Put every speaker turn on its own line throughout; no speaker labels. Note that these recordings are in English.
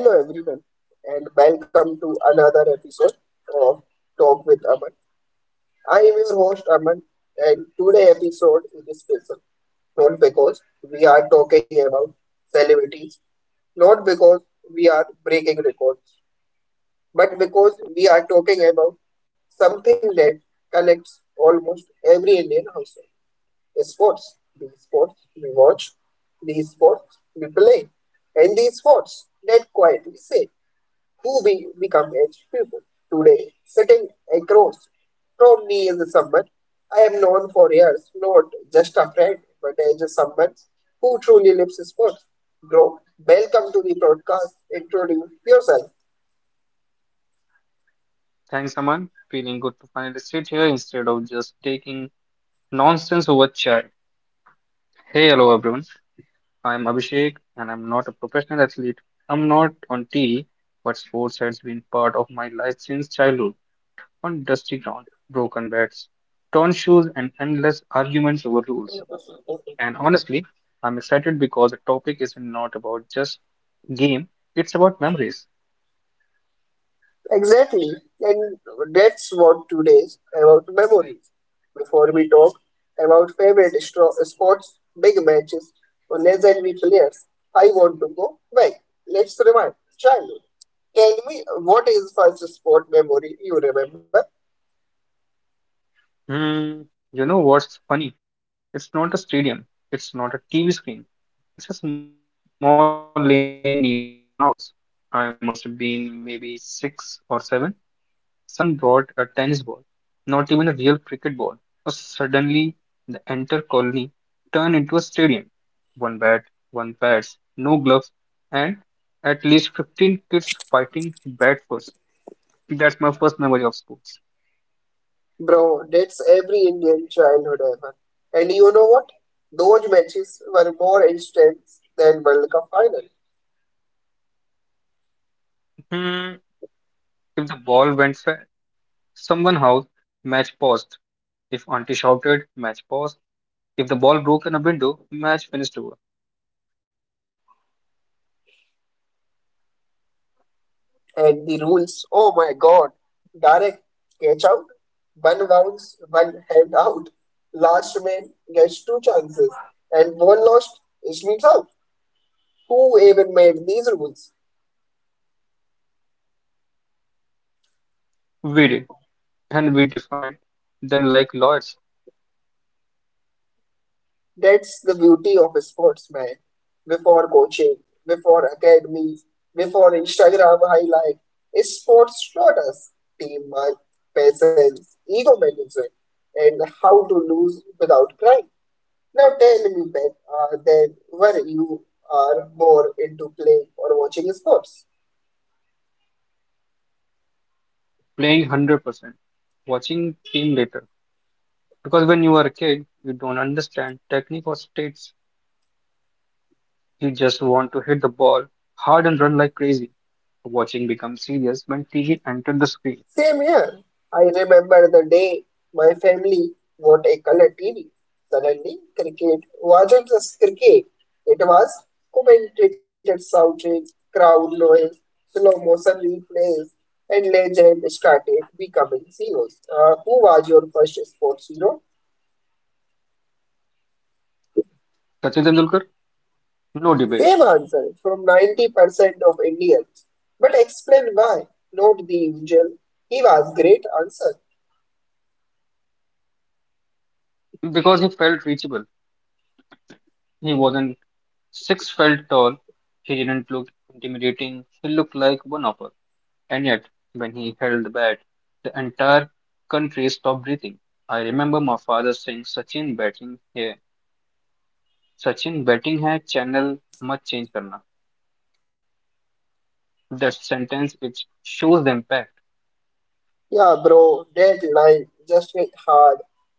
Hello everyone and welcome to another episode of Talk with Aman. I am your host Aman and today episode is special not because we are talking about celebrities, not because we are breaking records, but because we are talking about something that connects almost every Indian household. Sports, the sports we watch, the sports we play, and the sports that quietly say who we become as people. Today, sitting across from me is someone I have known for years, not just a friend, but as a someone who truly lives sports. Bro, welcome to the broadcast. Introduce yourself.
Thanks, Aman. Feeling good to finally sit here instead of just taking nonsense over chat. Hey, hello everyone. I'm Abhishek and I'm not a professional athlete. I'm not on TV, but sports has been part of my life since childhood. On dusty ground, broken beds, torn shoes, and endless arguments over rules. And honestly, I'm excited because the topic is not about just game, it's about memories.
Exactly. And that's what today's about memories. Before we talk about favorite sports, big matches, or legendary players, I want to go back. Let's rewind. Childhood. Tell me, what is first sport memory you remember?
Hmm, you know what's funny? It's not a stadium, it's not a TV screen. It's a small lane near my house. I must have been maybe six or seven. Someone brought a tennis ball, not even a real cricket ball. So suddenly, the entire colony turned into a stadium. One bat, one pads, no gloves, and at least 15 kids fighting bat first. That's my first memory of sports.
Bro, that's every Indian childhood ever. And you know what? Those matches were more intense than World Cup final.
Hmm, if the ball went fair, someone house, match paused. If auntie shouted, match paused. If the ball broke in a window, match finished over.
And the rules. Oh my God! Direct catch out, one bounce, one hand out. Last man gets two chances, and one lost is means out. Who even made these rules?
We did, and we defined them like lawyers.
That's the beauty of sports, man. Before coaching, before academies, before Instagram highlight, sports taught us teamwork, patience, ego management, and how to lose without crying. Now tell me, Ben, then were you are more into playing or watching sports?
Playing 100%, watching team later. Because when you are a kid, you don't understand technique or states. You just want to hit the ball hard and run like crazy. Watching became serious when TG entered the screen.
Same here. I remember the day my family got a color TV. Suddenly, cricket wasn't just cricket. It was commentator shouting, crowd noise, slow motion replays, and legend started becoming heroes. Who was your first sports hero?
Sachin Tendulkar, no debate,
Same answer from 90% of Indians. But explain why, not the usual. He was great answer.
because he felt reachable. He wasn't six felt tall. He didn't look intimidating. He looked like one of us. And yet, when he held the bat, the entire country stopped breathing. I remember my father saying, Sachin batting है channel मत change करना. That sentence it shows the impact.
Yeah, bro, that line just hit hard.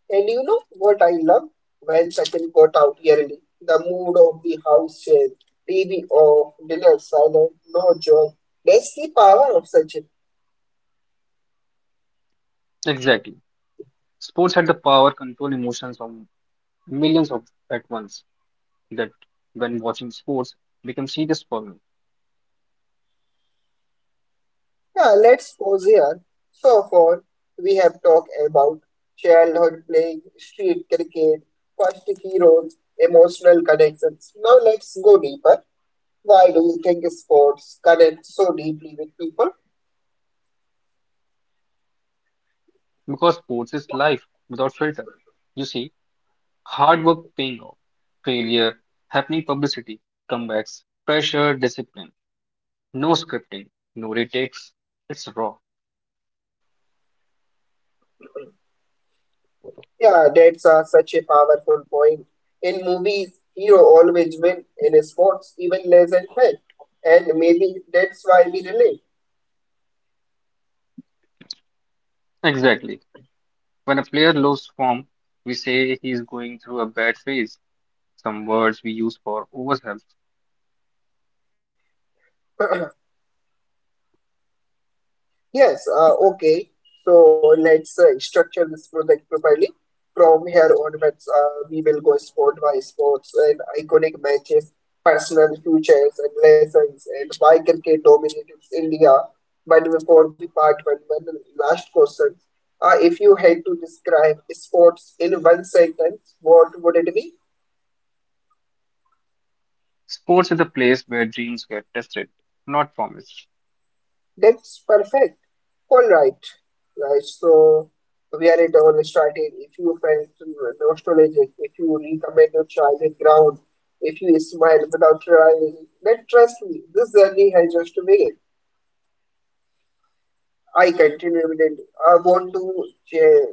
And you know what I love? When Sachin got out early, the mood the house changed. TV off, dinner silent, no joke. That's the power of Sachin.
Exactly. Sports had the power control emotions of millions of at once. That when watching sports becomes serious for me
Yeah, let's pause here. So far, we have talked about childhood playing, street cricket, first heroes, emotional connections. Now let's go deeper. Why do you think sports connect so deeply with people?
because sports is life without filter. You see, hard work paying off, failure, happening publicity, comebacks, pressure, discipline, no scripting, no retakes. It's raw.
Yeah, that's such a powerful point. In movies, hero always win. In sports, even less and win. And maybe that's why we relate.
Exactly. When a player loses form, we say he is going through a bad phase. Some words we use for overwhelm.
Yes, okay. So let's structure this project properly. From here onwards, we will go sport by sports and iconic matches, personal futures and lessons, and why cricket dominates India. But before the part one, one last question. If you had to describe sports in one sentence, what would it be?
Sports is a place where dreams get tested, not promised.
That's perfect. All right, guys. So we are at our starting. If you felt nostalgic, if you recommend your childhood ground, if you smile without trying, then trust me, this journey has just begun. I continue with it. I want to share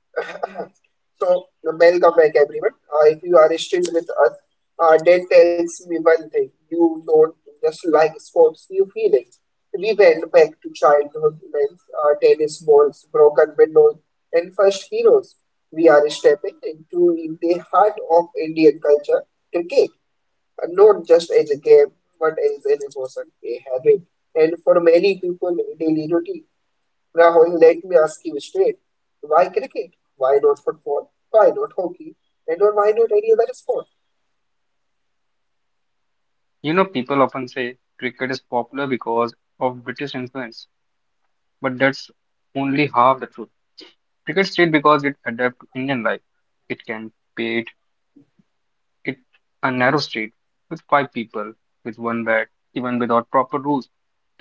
so, welcome back, everyone. If you are still with us, that tells me one thing. You don't just like sports, you feel it. We went back to childhood events, tennis balls, broken windows, and first heroes. We are stepping into the heart of Indian culture, cricket. Not just as a game, but as an emotion, a habit, and for many people, a daily routine. Now let me ask you straight. Why cricket? Why not football? Why not hockey? And or why not any other sport?
You know, people often say cricket is popular because of British influence, but that's only half the truth. Cricket stayed because it adapted to Indian life. It can pay, it's a narrow street with five people, with one bed, even without proper rules.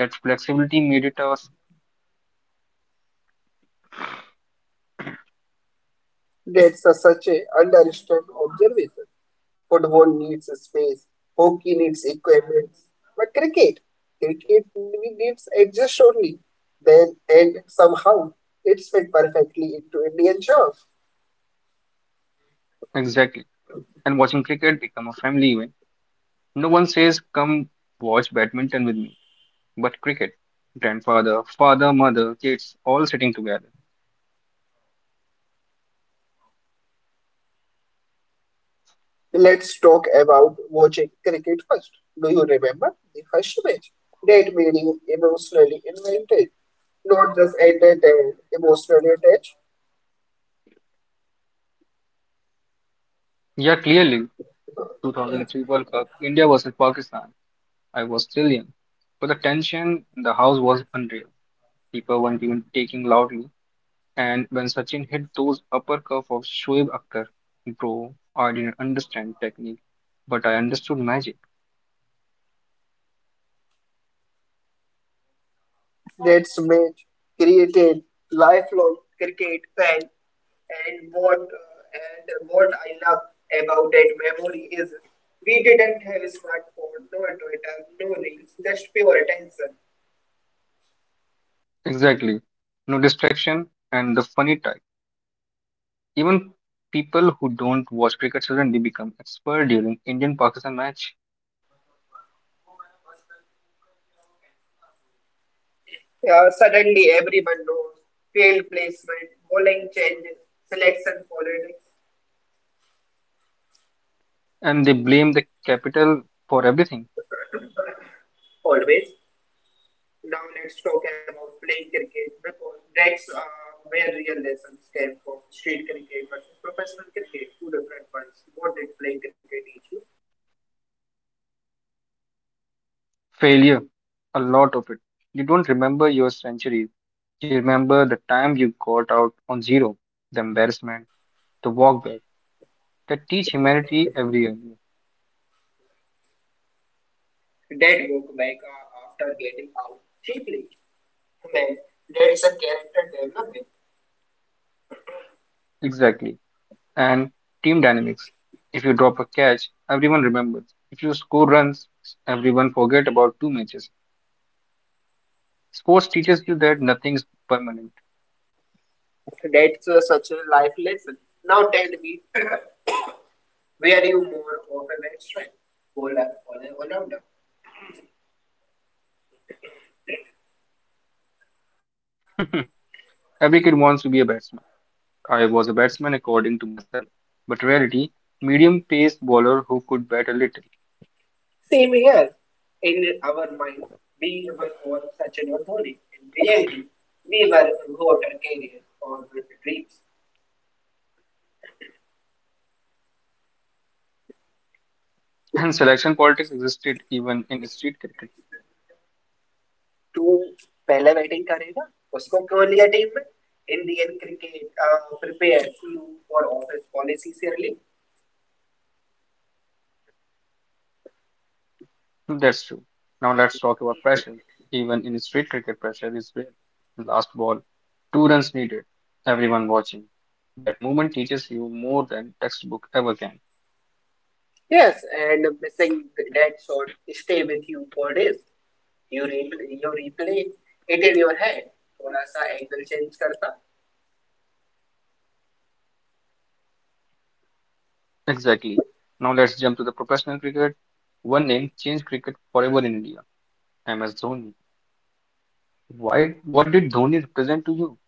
That flexibility made it us
That's a, such a understand observation. Football needs space, hockey needs equipment, but cricket really needs adjust only. Then and somehow it's fit perfectly into Indian turf.
exactly. And watching cricket become a family event. No one says, come watch badminton with me, but cricket. Grandfather, father, mother, kids, all sitting together.
Let's talk about watching cricket first. Do you remember the first match that made you emotionally invented? Not just ended and emotionally attached.
Yeah, clearly, 2003 World Cup, India versus Pakistan. I was still young, but the tension in the house was unreal. People weren't even taking loudly. And when Sachin hit those upper curve of Shoaib Akhtar, bro, I didn't understand technique, but I understood magic.
That's made created lifelong cricket fan, and what I love about that memory is we didn't have a smartphone, no Twitter, no reels, just pure attention.
Exactly. No distraction and the funny type. Even people who don't watch cricket suddenly become expert during Indian-Pakistan match,
Suddenly everyone knows field placement, bowling changes, selection politics
and they blame the capital for everything.
always. Now let's talk about playing cricket because that's where real lessons came from. Street cricket versus professional cricket, two different ones. What did playing cricket teach you?
Failure, a lot of it. You don't remember your centuries. You remember the time you got out on zero, the embarrassment, the walk back that teach humanity every year.
Dad woke back after getting out cheaply. Man, that is a character development.
Exactly. And team dynamics. If you drop a catch, everyone remembers. If you score runs, everyone forget about two matches. Sports teaches you that nothing is permanent.
That's such a life lesson. Now tell me, where you more of a batsman, bowler, or an all
Every kid wants to be a batsman. I was a batsman according to myself. But reality, medium paced bowler who could bat a little.
same here. In our mind, we were all Sachin or Dhoni. In reality, we were water carrier और dreams
And selection politics existed even in street cricket.
तू पहले batting करेगा उसको क्यों लिया team में Indian cricket prepare you for office policy से relief
Hmm, that's true. Now let's talk about pressure. Even in street cricket, pressure is real. Last ball, two runs needed, everyone watching. That movement teaches you more than textbook ever can.
Yes and missing that shot stay with you for days you replay it in your hand थोड़ा सा angle change करता.
Exactly. Now let's jump to the professional cricket. One name changed cricket forever in India. MS Dhoni. Why? What did Dhoni represent to you?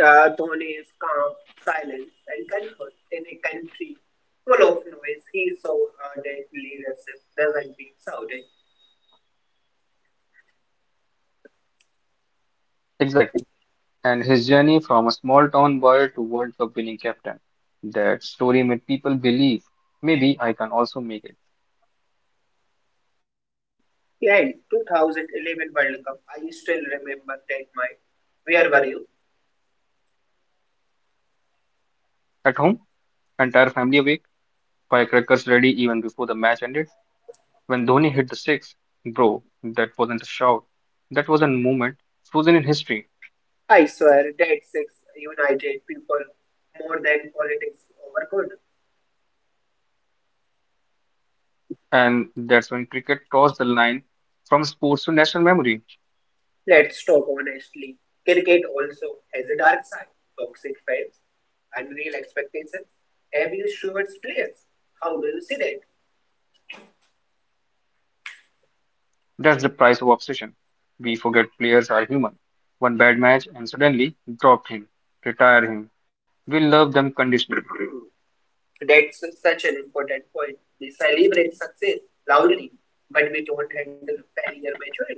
Dhoni is calm, silent, and comfort in a country full of noise. He saw that leadership doesn't being shouted.
Exactly. And his journey from a small town boy to World Cup winning captain. That story made people believe maybe I can also make it.
Yeah, in 2011 World Cup, I still remember that night. Where were you?
At home, entire family awake, firecrackers ready even before the match ended. When Dhoni hit the six, bro, that wasn't a shout. That was a moment frozen in history.
I swear that six united people more than politics over good.
And that's when cricket crossed the line from sports to national memory.
Let's talk honestly. Cricket also has a dark side, toxic fans, unreal expectations, abuse towards players. How do you see that?
That's the price of obsession. We forget players are human. One bad match and suddenly drop him, retire him. We love them conditionally.
That's such an important point. We celebrate success loudly, but we don't handle failure maturely.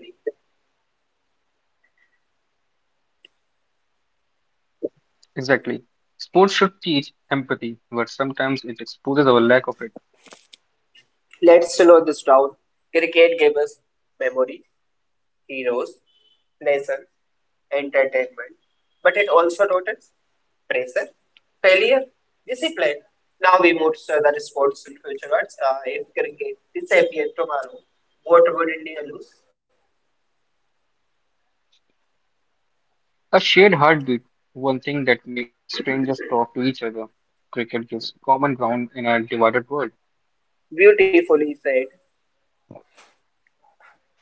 Exactly. Sports should teach empathy, but sometimes it exposes our lack of it.
Let's slow this down. Cricket gave us memory, heroes, lesson, entertainment, but it also taught us pressure, failure, discipline. Now we move to other sports in future. What's, if cricket disappeared tomorrow, what would India lose?
A shared heartbeat, one thing that makes strangers talk to each other. Cricket gives common ground in a divided world.
Beautifully said.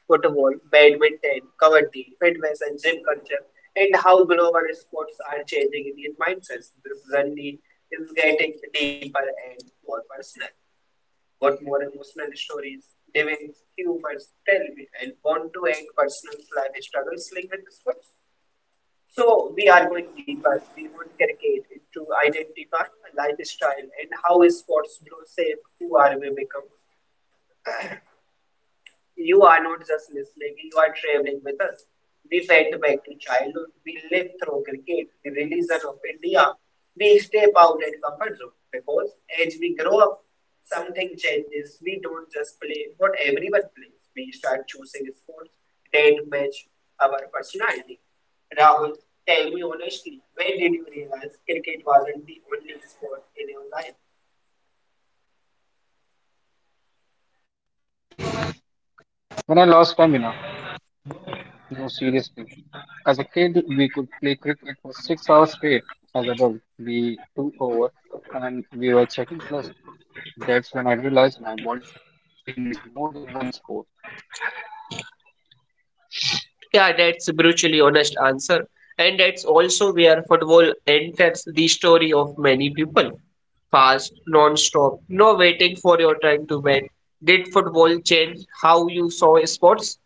Football, badminton, kabaddi, fitness, and gym culture, and how global sports are changing Indian mindsets. This journey is getting deeper and more personal. What more emotional stories, living humans tell me, and want to end personal life struggles linked with sports. So we are going deeper. We would cricket to identify lifestyle and how sports do shape who are we become. You are not just listening, you are traveling with us. We went back to childhood, we lived through cricket, the religion of India. We step out and comfort zone because as we grow up, something changes. We don't just play what everyone plays. We start choosing sports that match our personality. Rahul, tell me honestly, when did you realize cricket wasn't the only sport in your life?
When I lost stamina, no seriously. As a kid, we could play cricket for 6 hours straight. As adult, we took over and we were checking plus. That's when I realized my body needs more than one sport
Yeah, that's a brutally honest answer. And that's also where football enters the story of many people. Fast, non-stop, no waiting for your time to bat. Did football change how you saw sports?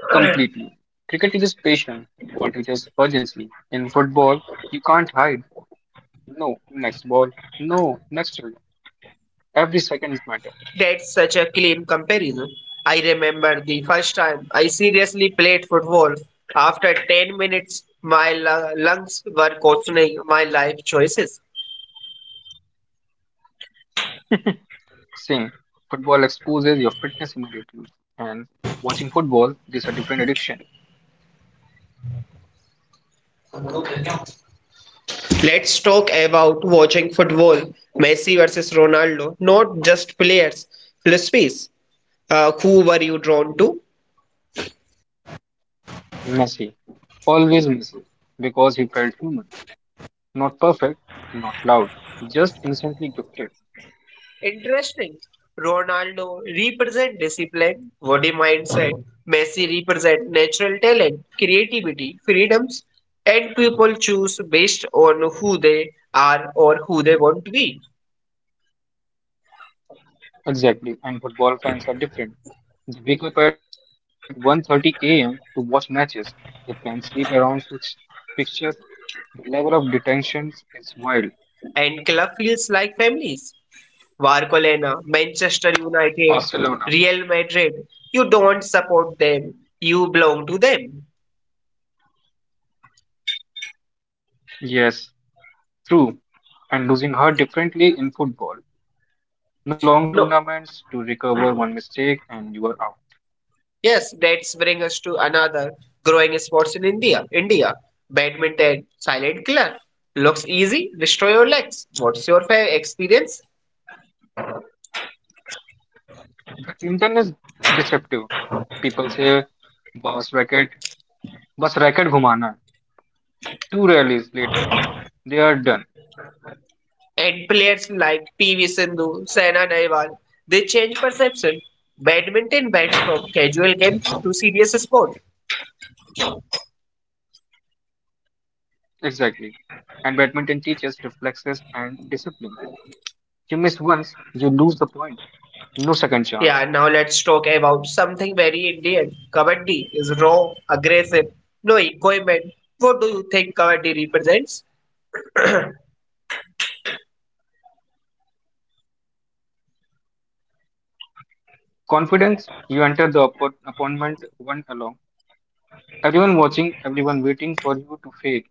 completely. Cricket teaches patience, football teaches urgency. In football, you can't hide. No, next ball. No, next run. Every second matters.
That's such a clean comparison. I remember the first time I seriously played football. After 10 minutes, my lungs were questioning my life choices.
Same. Football exposes your fitness immediately. And watching football is a different addiction. Messi. Always Messi. Because he felt human. Not perfect, not loud. Just instantly gifted.
Interesting. Ronaldo represent discipline, body mindset. Messi represent natural talent, creativity, freedoms, and people choose based on who they are or who they want to be.
Exactly. And football fans are different. They wake up at 1:30 a.m. to watch matches. They plan sleep around fixtures. The level of detention is wild.
And club feels like families. Barcelona, Manchester United,
Barcelona.
Real Madrid. You don't support them. You belong to them.
Yes, true. And losing her differently in football. No long
No.
tournaments to recover one mistake and you are out.
Yes, that's bring us to another growing sports in India. India, badminton, silent killer. Looks easy, destroy your legs. What's your favorite experience?
The Indian is deceptive. People say bus racket, bus racket ghumana. Two rallies later, they are done.
And players like PV Sindhu, Saina Nehwal, they change perception. Badminton went from casual game to serious sport.
Exactly. And badminton teaches reflexes and discipline. You miss once, you lose the point. No second chance.
Yeah, now let's talk about something very Indian. Kabaddi is raw, aggressive, no equipment. What do you think Kabaddi represents?
Confidence, you enter the appointment one alone. Everyone watching, everyone waiting for you to fail.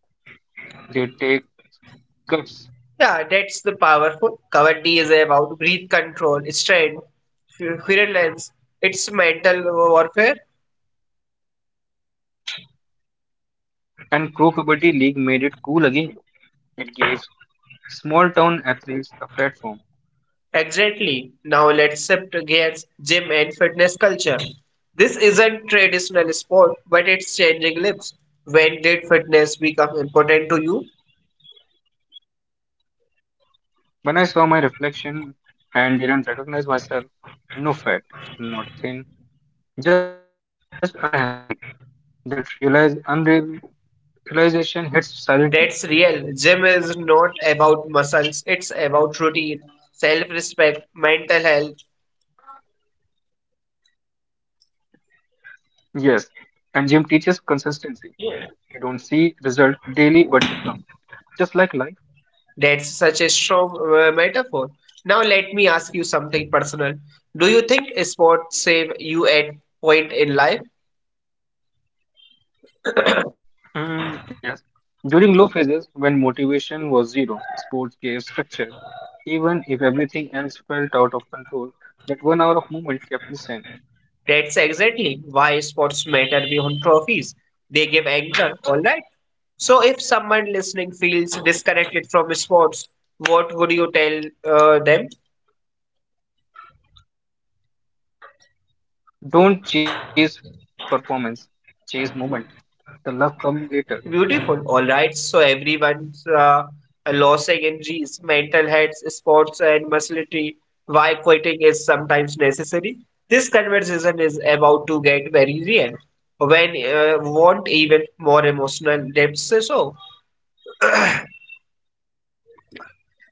They take cuts.
Yeah, that's the powerful. Kavadi is about breath control, strength, virulence. It's mental warfare.
And Pro Kabaddi League made it cool again. It gave small town athletes a platform.
Exactly. Now let's shift gears gym and fitness culture. This isn't traditional sport, but it's changing lives. When did fitness become important to you?
When I saw my reflection and didn't recognize myself, no fat, not thin, just unhealthy. That realize unreal realization hits silently.
That's real. Gym is not about muscles, it's about routine, self respect, mental health.
Yes, and gym teaches consistency. You don't see result daily, but they come. Just like life.
That's such a strong metaphor. Now let me ask you something personal. Do you think sports save you at point in life?
Mm, yes. During low phases, when motivation was zero, sports gave structure. Even if everything else felt out of control, that 1 hour of movement kept me sane.
That's exactly why sports matter beyond trophies. They give anchor, all right? So if someone listening feels disconnected from sports, what would you tell them?
Don't chase performance, chase moment. The love come later.
Beautiful. All right. So everyone's loss energies, mental health, sports, and musculature. Why quitting is sometimes necessary. This conversation is about to get very real. When want even more emotional depths. So.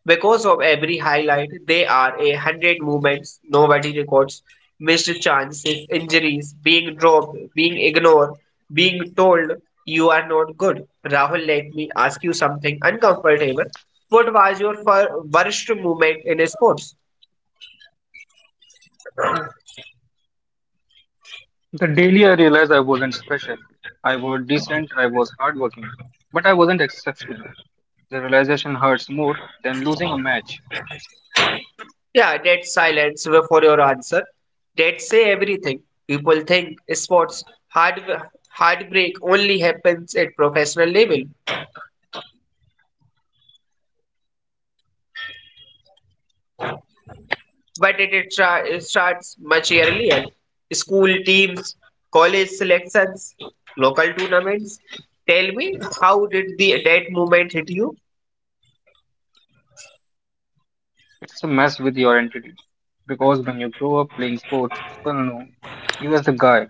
Because of every highlight, there are 100 movements nobody records, missed chances, injuries, being dropped, being ignored, being told you are not good. Rahul, let me ask you something uncomfortable. What was your worst moment in sports?
The daily I realized I wasn't special. I was decent, I was hardworking, but I wasn't exceptional. The realization hurts more than losing a match.
Yeah, dead silence before your answer. That say everything. People think sports hard heartbreak only happens at professional level, but it starts much earlier. School teams, college selections, local tournaments. Tell me, how did the that movement hit you?
It's a mess with your identity. Because when you grow up playing sports, people know you as the guy,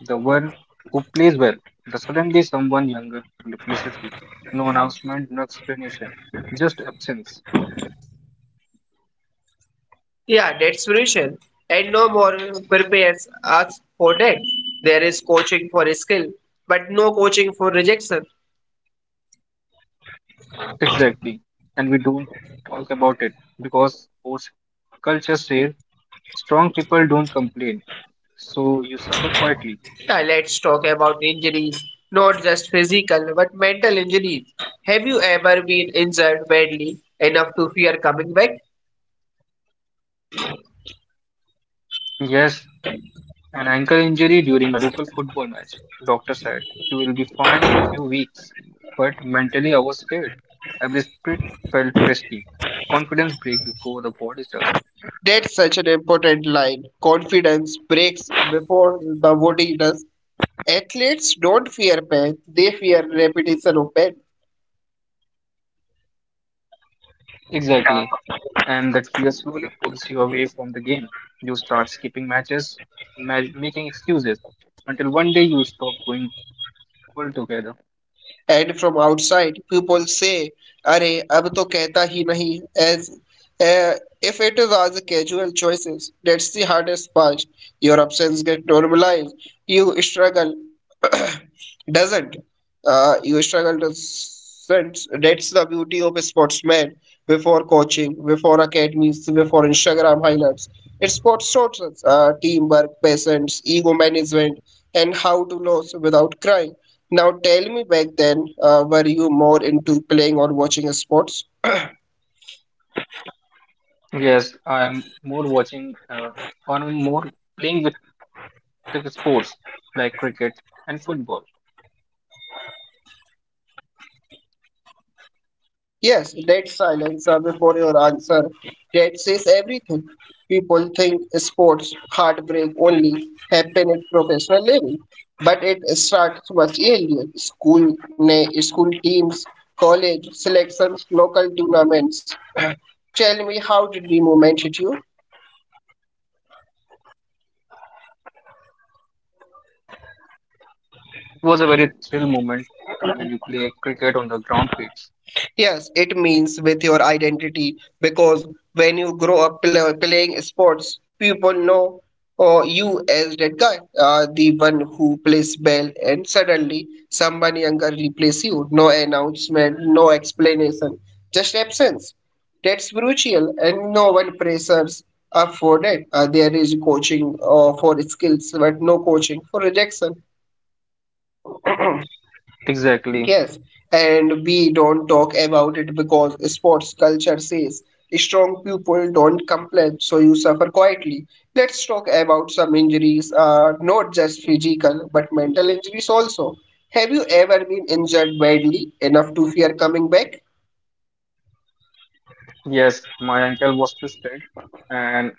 the one who plays well. The suddenly someone younger replaces you. No announcement, no explanation, just absence.
Yeah, that's solution. And no more prepares us for that. There is coaching for skill, but no coaching for rejection.
Exactly. And we don't talk about it because sports culture says strong people don't complain. So you suffer quietly.
Yeah, let's talk about injuries, not just physical, but mental injuries. Have you ever been injured badly enough to fear coming back?
Yes, an ankle injury during a local football match. Doctor said you will be fine in a few weeks. But mentally I was scared. Every split felt risky. Confidence break before the body does.
That's such an important line. Confidence breaks before the body does. Athletes don't fear pain, they fear repetition of pain.
Exactly. And that fear slowly pulls you away from the game. You start skipping matches, making excuses, until one day you stop going altogether.
And from outside, people say, "Arey, अब तो कहता hi nahi." As uh, if it was casual choices. That's the hardest part. Your absence get normalized. You struggle doesn't. You struggle to sense that's the beauty of a sportsman before coaching, before academies, before Instagram highlights. It's sports taught us teamwork, patience, ego management, and how to lose without crying. Now tell me back then, were you more into playing or watching sports?
Yes, I'm more watching, or I'm more playing with the sports like cricket and football.
Yes, dead silence before your answer. That says everything. People think sports heartbreak only happen at professional level, but it starts much earlier. School teams, college selections, local tournaments. Tell me, how did the movement hit you?
It was a very thrill moment when you play cricket on the ground fields.
Yes, it means with your identity because when you grow up playing sports, people know you as that guy, the one who plays well, and suddenly someone younger replaces you. No announcement, no explanation, just absence. That's brutal, and no one pressures up for that. There is coaching for skills, but no coaching for rejection.
Exactly.
Yes, and we don't talk about it because sports culture says strong people don't complain, so you suffer quietly. Let's talk about some injuries, not just physical but mental injuries also. Have you ever been injured badly enough to fear coming back?
Yes, my ankle was twisted and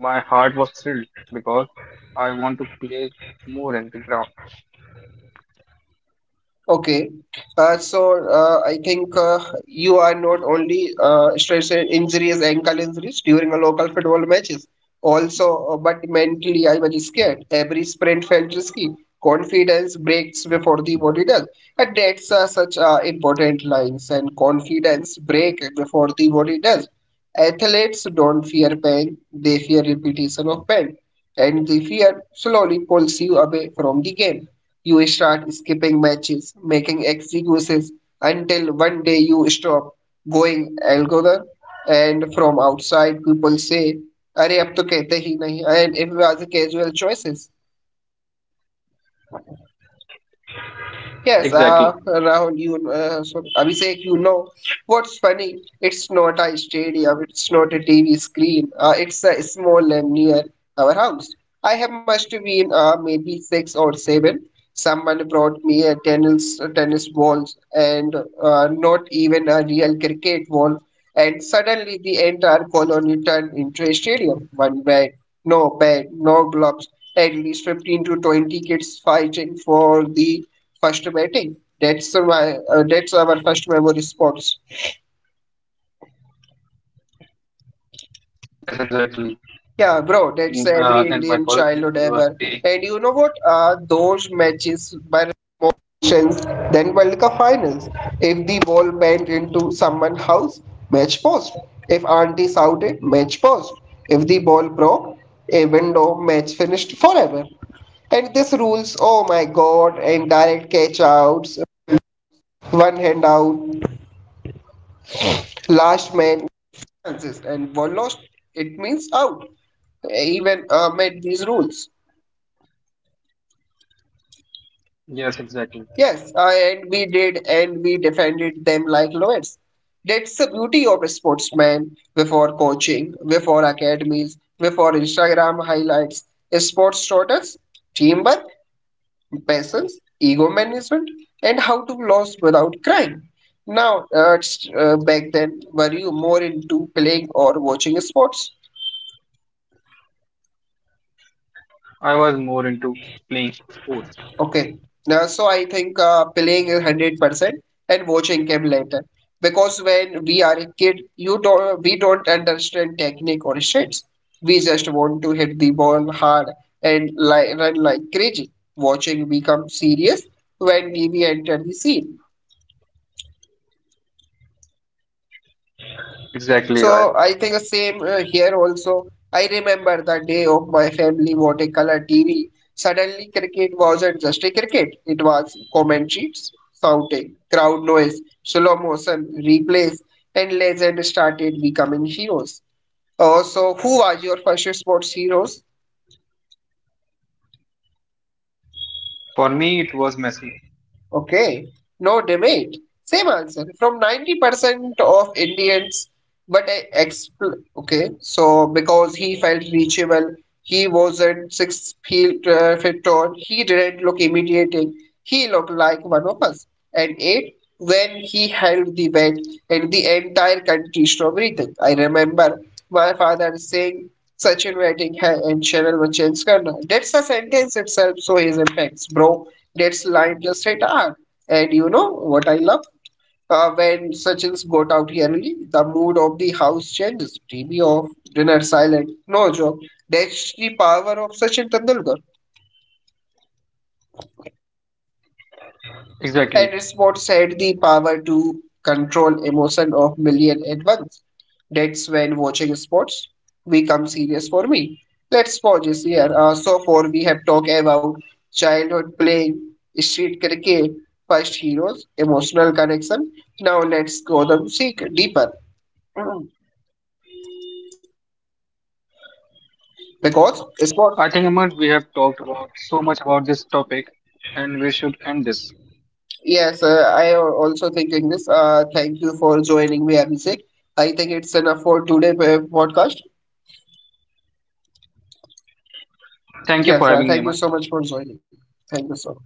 my heart was thrilled because I want to play more in the ground.
Okay, I think you are not only stressing injuries, ankle injuries during a local football matches, also, but mentally I was scared. Every sprint felt risky. Confidence breaks before the body does. And that's such important lines and confidence break before the body does. Athletes don't fear pain, they fear repetition of pain, and the fear slowly pulls you away from the game. You start skipping matches, making excuses until one day you stop going altogether. And from outside, people say, "अरे अब तो कहते ही नहीं," and it was a casual choices.
Exactly.
Yes, Rahul, you so Abhishek, you know what's funny? It's not a stadium, it's not a TV screen. It's a small land near our house. I have must have been maybe 6 or 7. Someone brought me a tennis balls and not even a real cricket ball. And suddenly the entire colony turned into a stadium. One bed, no gloves. At least 15 to 20 kids fighting for the First batting. That's our first memory sports.
Yes, exactly. In
Yeah,
uh,
bro,
in my
that's
college,
every
you are
Indian
playing.
childhood ever. And you know what? Those even made these rules.
Yes, exactly.
Yes, and we did, and we defended them like lawyers. That's the beauty of sportsmen before coaching, before academies, before Instagram highlights. Sports taught us teamwork, patience, ego management, and how to lose without crying. Now, back then, were you more into playing or watching sports?
I was more into playing sports.
Okay. Now, so I think playing is 100% and watching came later. Because when we are a kid, you don't, we don't understand technique or shits. We just want to hit the ball hard and like run like crazy. Watching become serious when we enter the scene.
Exactly right.
So I think the same here also. I remember the day of my family watercolor TV. Suddenly, cricket wasn't just a cricket. It was commentaries, shouting, crowd noise, slow motion replays, and legends started becoming heroes. Who was your first sports heroes?
For me, it was messy.
Okay, no debate. Same answer from 90% of Indians, but I expl okay, so because he felt reachable, he wasn't six feet tall, he didn't look intimidating, he looked like one of us. And eight, when he held the bag and the entire country strawberry thing. I remember my father saying. Sachin batting hai and Cheryl Wachinskar. That's the sentence itself, so his impacts, bro. That's line just hit R. And you know what I love? When Sachin's got out here early, the mood of the house changes. TV off, dinner silent, no joke. That's the power of Sachin Tendulkar.
Exactly.
And sports had the power to control emotion of million at once. That's when watching sports become serious for me. Let's pause this here. So far we have talked about childhood playing, street cricket, first heroes, emotional connection. Now let's go the seek deeper. Mm. Because sports,
I think Aman, we have talked about so much about this topic, and we should end this.
yes, I am also thinking this. Thank you for joining me, Abhishek. I think it's enough for today podcast.
Thank you
Yes,
for having me,
thank you
Aman.
so much for joining. Thank you so much.